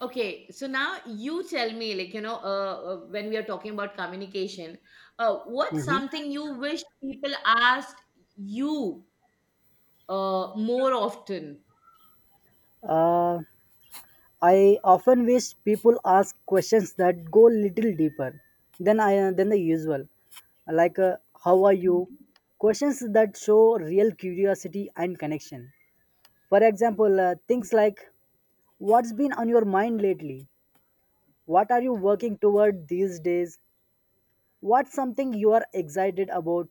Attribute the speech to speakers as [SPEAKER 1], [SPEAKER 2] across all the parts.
[SPEAKER 1] Okay, so now you tell me, when we are talking about communication, what's
[SPEAKER 2] Mhm.
[SPEAKER 1] something you wish people asked you more often?
[SPEAKER 2] Uh, I often wish people ask questions that go little deeper than the usual, like "How are you?"
[SPEAKER 1] Mhm.
[SPEAKER 2] Questions that show real curiosity and connection. For example, things like "What's been on your mind lately?" "What are you working toward these days?" "What's something you are excited about?"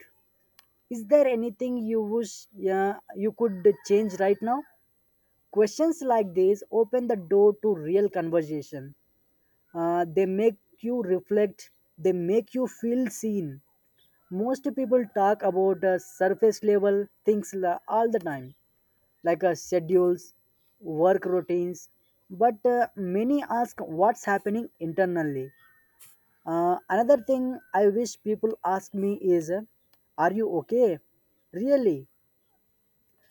[SPEAKER 2] "Is there anything you wish you could change right now?" Questions like these open the door to real conversation. They make you reflect, they make you feel seen. Most people talk about surface level all the time, like schedules, work routines, but many ask what's happening internally. Another thing I wish people ask me is, are you okay? Really?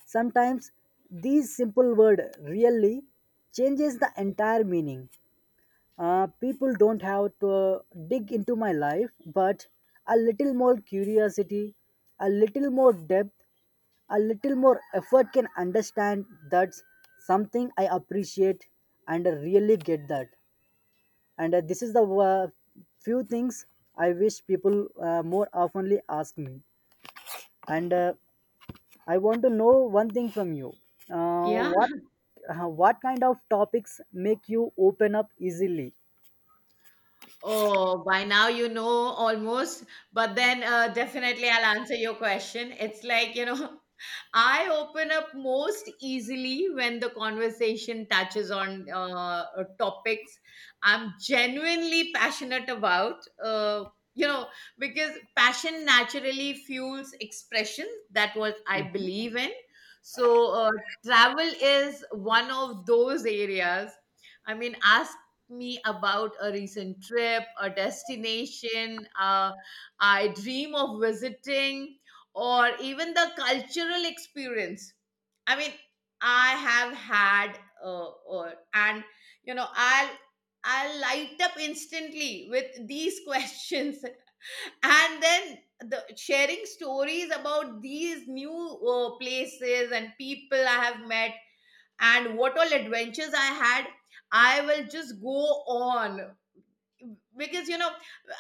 [SPEAKER 2] Sometimes these simple word really changes the entire meaning. People don't have to dig into my life, but a little more curiosity, a little more depth, a little more effort can understand that's something I appreciate and I really get that. And this is the few things I wish people more oftenly ask me. And I want to know one thing from you. Uh,
[SPEAKER 1] Yeah.
[SPEAKER 2] what uh, what kind of topics make you open up easily?
[SPEAKER 1] Oh, by now you know almost, but then definitely I'll answer your question. It's like, you know, I open up most easily when the conversation touches on topics I'm genuinely passionate about. You know, because passion naturally fuels expression. That was I believe in. So travel is one of those areas. I mean, ask me about a recent trip, a destination I dream of visiting, or even the cultural experience. I mean, I have had, or, and you know, I'll light up instantly with these questions, and then the sharing stories about these new places and people I have met and what all adventures I had, I will just go on because you know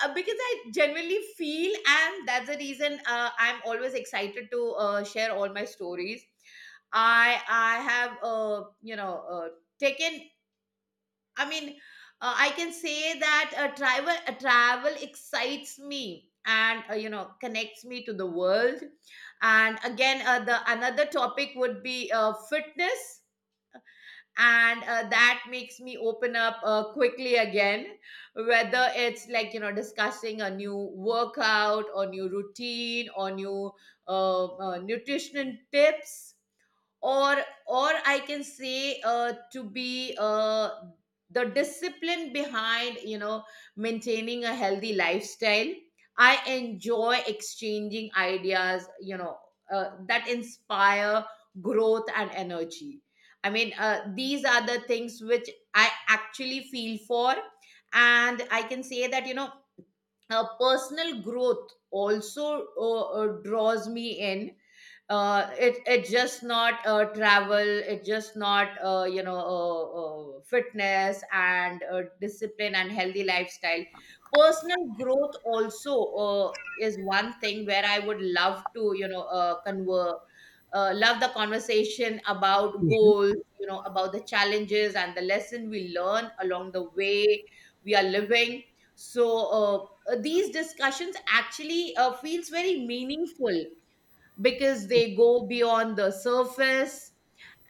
[SPEAKER 1] uh, because I genuinely feel, and that's the reason I'm always excited to share all my stories. I have you know taken I mean I can say that a travel excites me and, you know, connects me to the world. And again, the another topic would be fitness, and that makes me open up quickly again, whether it's, like, you know, discussing a new workout or new routine or new nutrition tips, or or I can say, to be the discipline behind, you know, maintaining a healthy lifestyle. I enjoy exchanging ideas, you know, that inspire growth and energy. I mean, these are the things which I actually feel for, and I can say that, you know, personal growth also draws me in. It it just not travel, it just not, fitness and discipline and healthy lifestyle. Personal growth also is one thing where I would love to, you know, convert. Love the conversation about
[SPEAKER 2] Mhm.
[SPEAKER 1] goals, you know, about the challenges and the lesson we learn along the way we are living. So uh, uh, these discussions actually feels very meaningful because they go beyond the surface,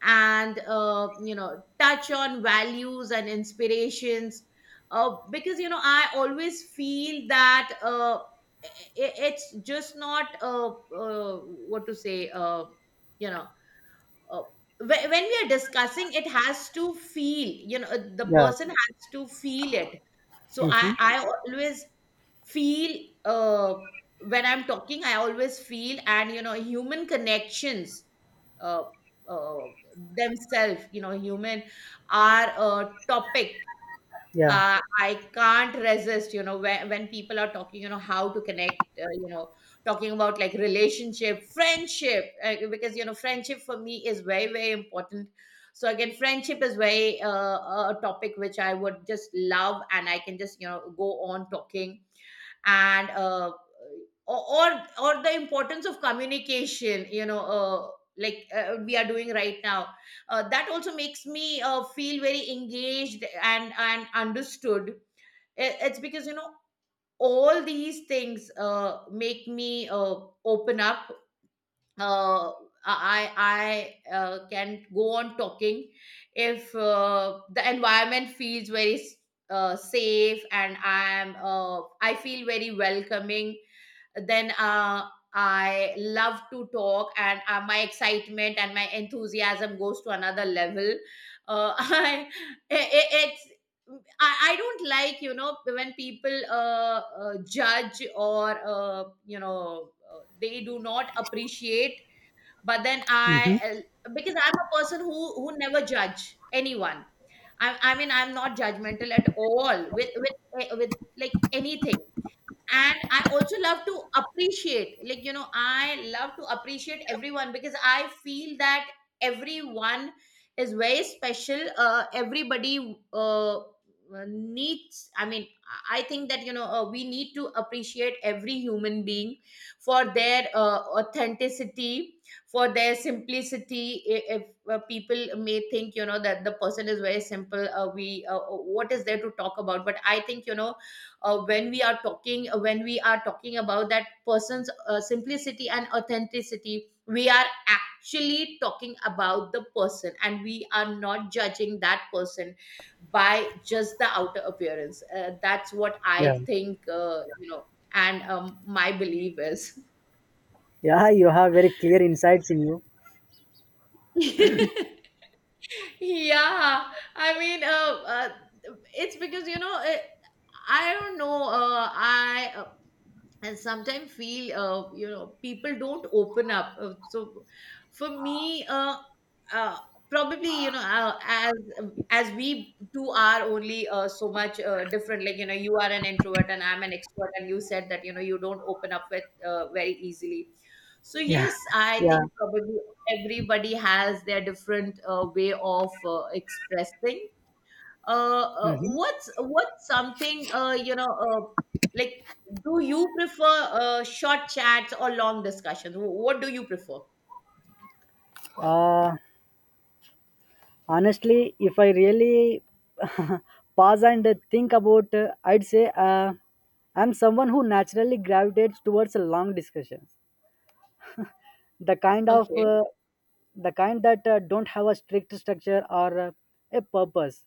[SPEAKER 1] and, you know, touch on values and inspirations. Because, you know, I always feel that, it's just not, what to say, you know uh, when we are discussing, it has to feel, you know, the
[SPEAKER 2] Yeah.
[SPEAKER 1] person has to feel it. So i
[SPEAKER 2] Mm-hmm.
[SPEAKER 1] i always feel, uh, when I'm talking I always feel, and, you know, human connections, uh, uh, themselves, you know, human are a topic
[SPEAKER 2] Yeah.
[SPEAKER 1] I can't resist, you know, when people are talking, you know, how to connect, you know, talking about, like, relationship, friendship, because, you know, friendship for me is very, very important. So again, friendship is very a topic which I would just love, and I can just, you know, go on talking. And, or the importance of communication, you know, like, we are doing right now, that also makes me feel very engaged and understood. It's because, you know, all these things make me open up. Uh, i can go on talking if the environment feels very safe and I feel very welcoming. Then I love to talk, and my excitement and my enthusiasm goes to another level. I, it, it's I don't like, you know, when people judge or, they do not appreciate. But then I
[SPEAKER 2] Mm-hmm.
[SPEAKER 1] Because I'm a person who never judge anyone. I mean, I'm not judgmental at all with with like anything. And I also love to appreciate, like, you know, I love to appreciate everyone because I feel that everyone is very special. Everybody needs, I mean I think that, you know, we need to appreciate every human being for their authenticity, for their simplicity. If people may think, you know, that the person is very simple, we what is there to talk about? But I think, you know, when we are talking about that person's simplicity and authenticity, we are actually talking about the person and we are not judging that person by just the outer appearance. That's what
[SPEAKER 2] Yeah.
[SPEAKER 1] I think, you know. And my belief is
[SPEAKER 2] Yeah. You have very clear insights in you.
[SPEAKER 1] yeah, I mean, it's because, you know, I don't know I and sometimes feel, you know, people don't open up. So for me, uh, probably, you know, as we two are only so much different, like, you know, you are an introvert and I'm an extrovert, and you said that, you know, you don't open up with very easily. So
[SPEAKER 2] Yeah.
[SPEAKER 1] yes, I
[SPEAKER 2] Yeah.
[SPEAKER 1] think probably everybody has their different way of expressing.
[SPEAKER 2] Mm-hmm.
[SPEAKER 1] What's something, like, do you prefer short chats or long discussions? What do you prefer?
[SPEAKER 2] Uh, Honestly, if I really pause and think about, I'd say I'm someone who naturally gravitates towards a long discussion. the kind of
[SPEAKER 1] Okay,
[SPEAKER 2] uh, the kind that don't have a strict structure or a purpose,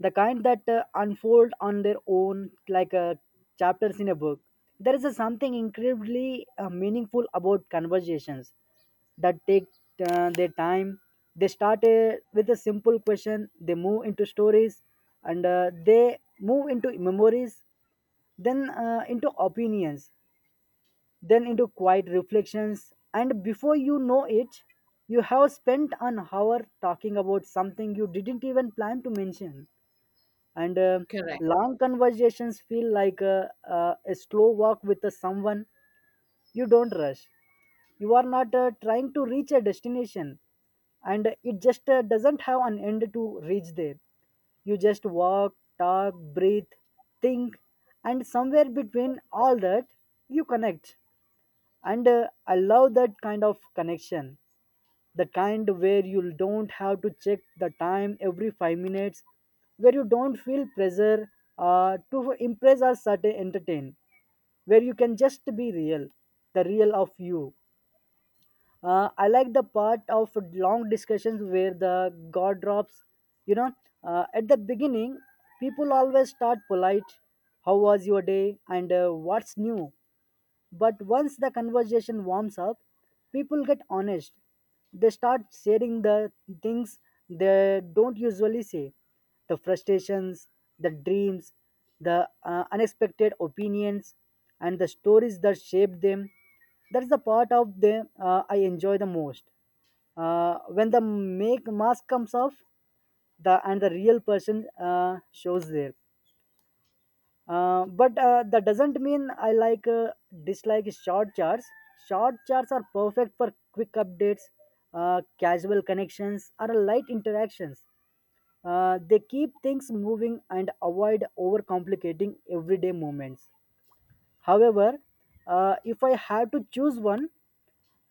[SPEAKER 2] the kind that unfold on their own like chapters in a book. There is a something incredibly meaningful about conversations that take their time. They start with a simple question, they move into stories and they move into memories, then into opinions, then into quiet reflections, and before you know it, you have spent an hour talking about something you didn't even plan to mention. And
[SPEAKER 1] correct.
[SPEAKER 2] Long conversations feel like a slow walk with someone you don't rush. You are not trying to reach a destination, and it just doesn't have an end to reach there. You just walk, talk, breathe, think, and somewhere between all that, you connect, and I love that kind of connection, the kind where you don't have to check the time every 5 minutes, where you don't feel pressure to impress or certain entertain, where you can just be real, the real of you. I like the part of long discussions where the god drops, you know, at the beginning people always start polite, how was your day and what's new. But once the conversation warms up, people get honest. They start sharing the things they don't usually say, the frustrations, the dreams, the unexpected opinions, and the stories that shaped them. That's the part of them I enjoy the most. When the make mask comes off, the and the real person shows there. But that doesn't mean I like dislike short charts. Short charts are perfect for quick updates, casual connections, or light interactions. They keep things moving and avoid overcomplicating everyday moments. However, if I have to choose one,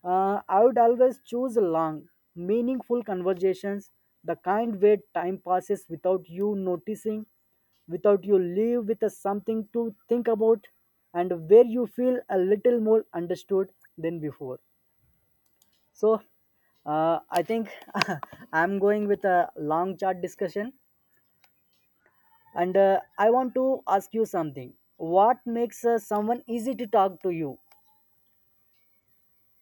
[SPEAKER 2] I would always choose long, meaningful conversations, the kind where time passes without you noticing, without you leave with a something to think about, and where you feel a little more understood than before. So, I think I'm going with a long chat discussion, and I want to ask you something. What makes someone easy to talk to you?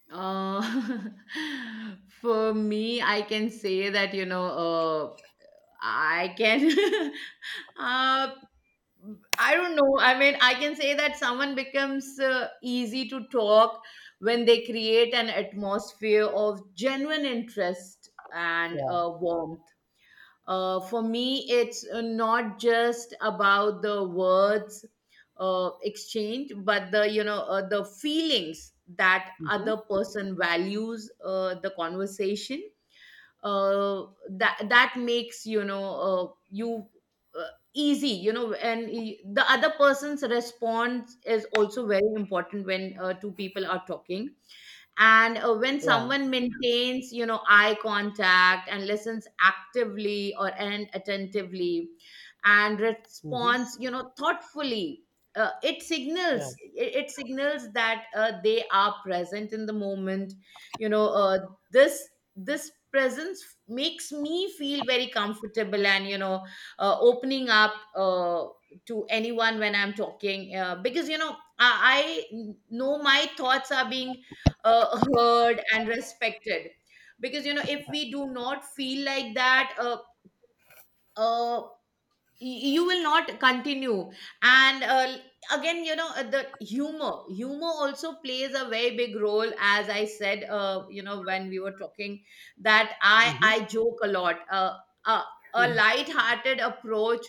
[SPEAKER 1] Uh, for me, I can say that, you know, I can, uh, I don't know. I mean, I can say that someone becomes easy to talk when they create an atmosphere of genuine interest and
[SPEAKER 2] Yeah.
[SPEAKER 1] warmth. For me, it's not just about the words exchange, but the, you know, the feelings that
[SPEAKER 2] Hmm.
[SPEAKER 1] other person values the conversation. Uh, that makes, you know, you uh, easy, you know. And the other person's response is also very important when two people are talking. And when
[SPEAKER 2] Yeah.
[SPEAKER 1] someone maintains, you know, eye contact and listens actively or and attentively and
[SPEAKER 2] Hmm.
[SPEAKER 1] responds, you know, thoughtfully,
[SPEAKER 2] Yeah.
[SPEAKER 1] it signals that they are present in the moment, you know. This this presence makes me feel very comfortable, and, you know, opening up to anyone when I'm talking, because, you know, I know my thoughts are being heard and respected. Because, you know, if we do not feel like that, uh, you will not continue. And again, you know, the humor also plays a very big role, as I said, you know, when we were talking, that i
[SPEAKER 2] Hmm.
[SPEAKER 1] i joke a lot. Uh, a light hearted approach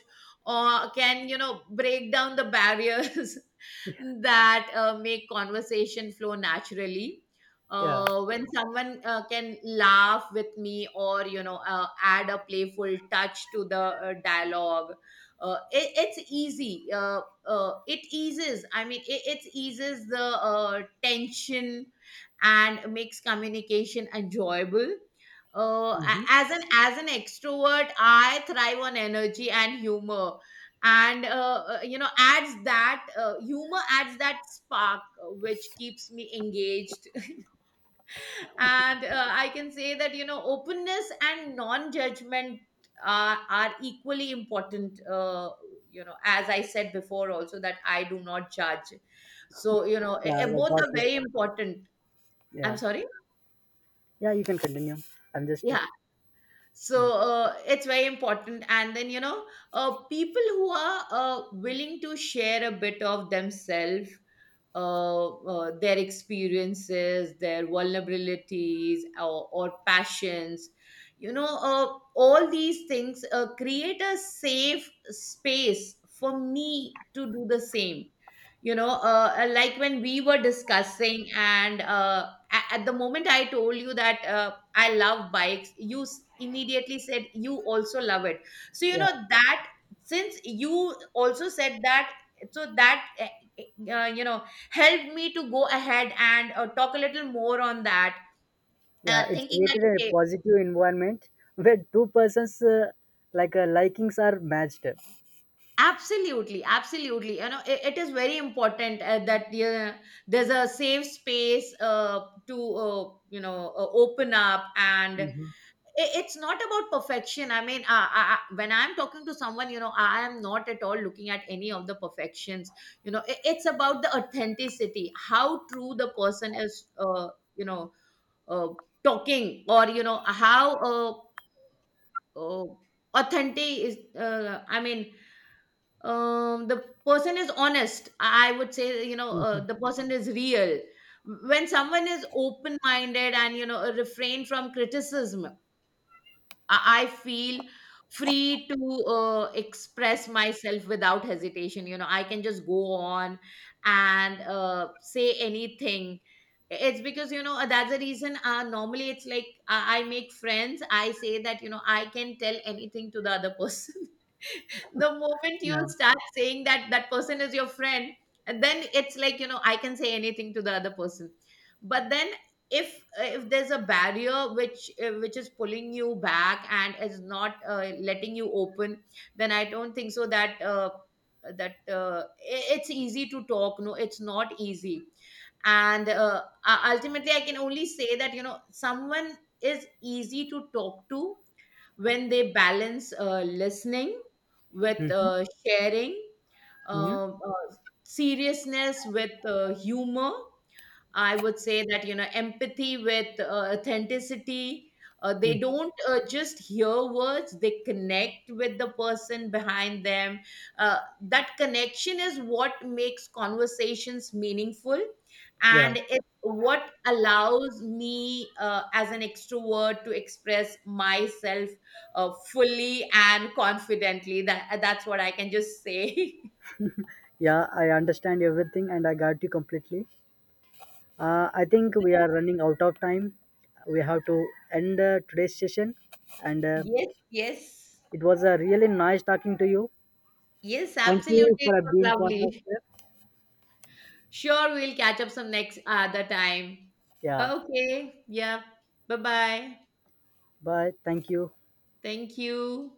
[SPEAKER 1] can, you know, break down the barriers that make conversation flow naturally.
[SPEAKER 2] Yeah.
[SPEAKER 1] When someone can laugh with me, or, you know, add a playful touch to the dialogue, it, it's easy it eases I mean it, it eases the tension and makes communication enjoyable. As an extrovert, I thrive on energy and humor. And you know, adds that, humor adds that spark, which keeps me engaged. And I can say that, you know, openness and non-judgment are equally important. You know, as I said before also, that I do not judge. So, you know,
[SPEAKER 2] Yeah, I
[SPEAKER 1] both
[SPEAKER 2] got
[SPEAKER 1] are
[SPEAKER 2] it.
[SPEAKER 1] very important. I'm
[SPEAKER 2] Yeah,
[SPEAKER 1] sorry.
[SPEAKER 2] yeah, you can continue. I'm just,
[SPEAKER 1] Yeah, so it's very important. And then, you know, people who are willing to share a bit of themselves, their experiences, their vulnerabilities, or passions, you know, all these things create a safe space for me to do the same, you know. Like, when we were discussing, and, at the moment, I told you that, I love bikes. You immediately said you also love it. So, you
[SPEAKER 2] yeah,
[SPEAKER 1] know, that since you also said that, so that, eh, you know, helped me to go ahead and, talk a little more on that,
[SPEAKER 2] yeah. It's
[SPEAKER 1] thinking that,
[SPEAKER 2] created a
[SPEAKER 1] okay,
[SPEAKER 2] positive environment where two persons like likings are matched.
[SPEAKER 1] absolutely, absolutely. You know, it is very important that there's a safe space to, you know, open up. And
[SPEAKER 2] Hmm.
[SPEAKER 1] it's not about perfection. I mean, I, when I'm talking to someone, you know, I am not at all looking at any of the perfections. You know, it's about the authenticity, how true the person is, you know, uh, talking, or, you know, how uh, authentic is, I mean, the person is honest. I would say, you know,
[SPEAKER 2] Hmm.
[SPEAKER 1] the person is real. When someone is open minded and, you know, refrain from criticism, I feel free to express myself without hesitation. You know, I can just go on and, say anything. It's because, you know, that's the reason, normally it's like I make friends. I say that, you know, I can tell anything to the other person. The moment you
[SPEAKER 2] Yeah.
[SPEAKER 1] start saying that that person is your friend, and then it's like, you know, I can say anything to the other person. But then if, if there's a barrier which, which is pulling you back and is not letting you open, then I don't think so that it's easy to talk. No, it's not easy. And ultimately I can only say that, you know, someone is easy to talk to when they balance listening with
[SPEAKER 2] Hmm.
[SPEAKER 1] sharing,
[SPEAKER 2] Hmm.
[SPEAKER 1] uh, uh, seriousness with humor, I would say that, you know, empathy with authenticity. They don't just hear words, they connect with the person behind them. That connection is what makes conversations meaningful.
[SPEAKER 2] Yeah.
[SPEAKER 1] And it's what allows me, as an extrovert, to express myself fully and confidently. That's what I can just say.
[SPEAKER 2] Yeah. I understand everything, and I got you completely. I think we are running out of time. We have to end today's session, and
[SPEAKER 1] Yes, yes.
[SPEAKER 2] it was a really nice talking to you.
[SPEAKER 1] Yes,
[SPEAKER 2] Thank
[SPEAKER 1] absolutely.
[SPEAKER 2] you
[SPEAKER 1] It
[SPEAKER 2] for
[SPEAKER 1] was
[SPEAKER 2] being part of
[SPEAKER 1] lovely.
[SPEAKER 2] it.
[SPEAKER 1] Sure, we'll catch up some next other time.
[SPEAKER 2] Yeah.
[SPEAKER 1] Okay. Yeah. Bye bye.
[SPEAKER 2] Bye. Thank you.
[SPEAKER 1] Thank you.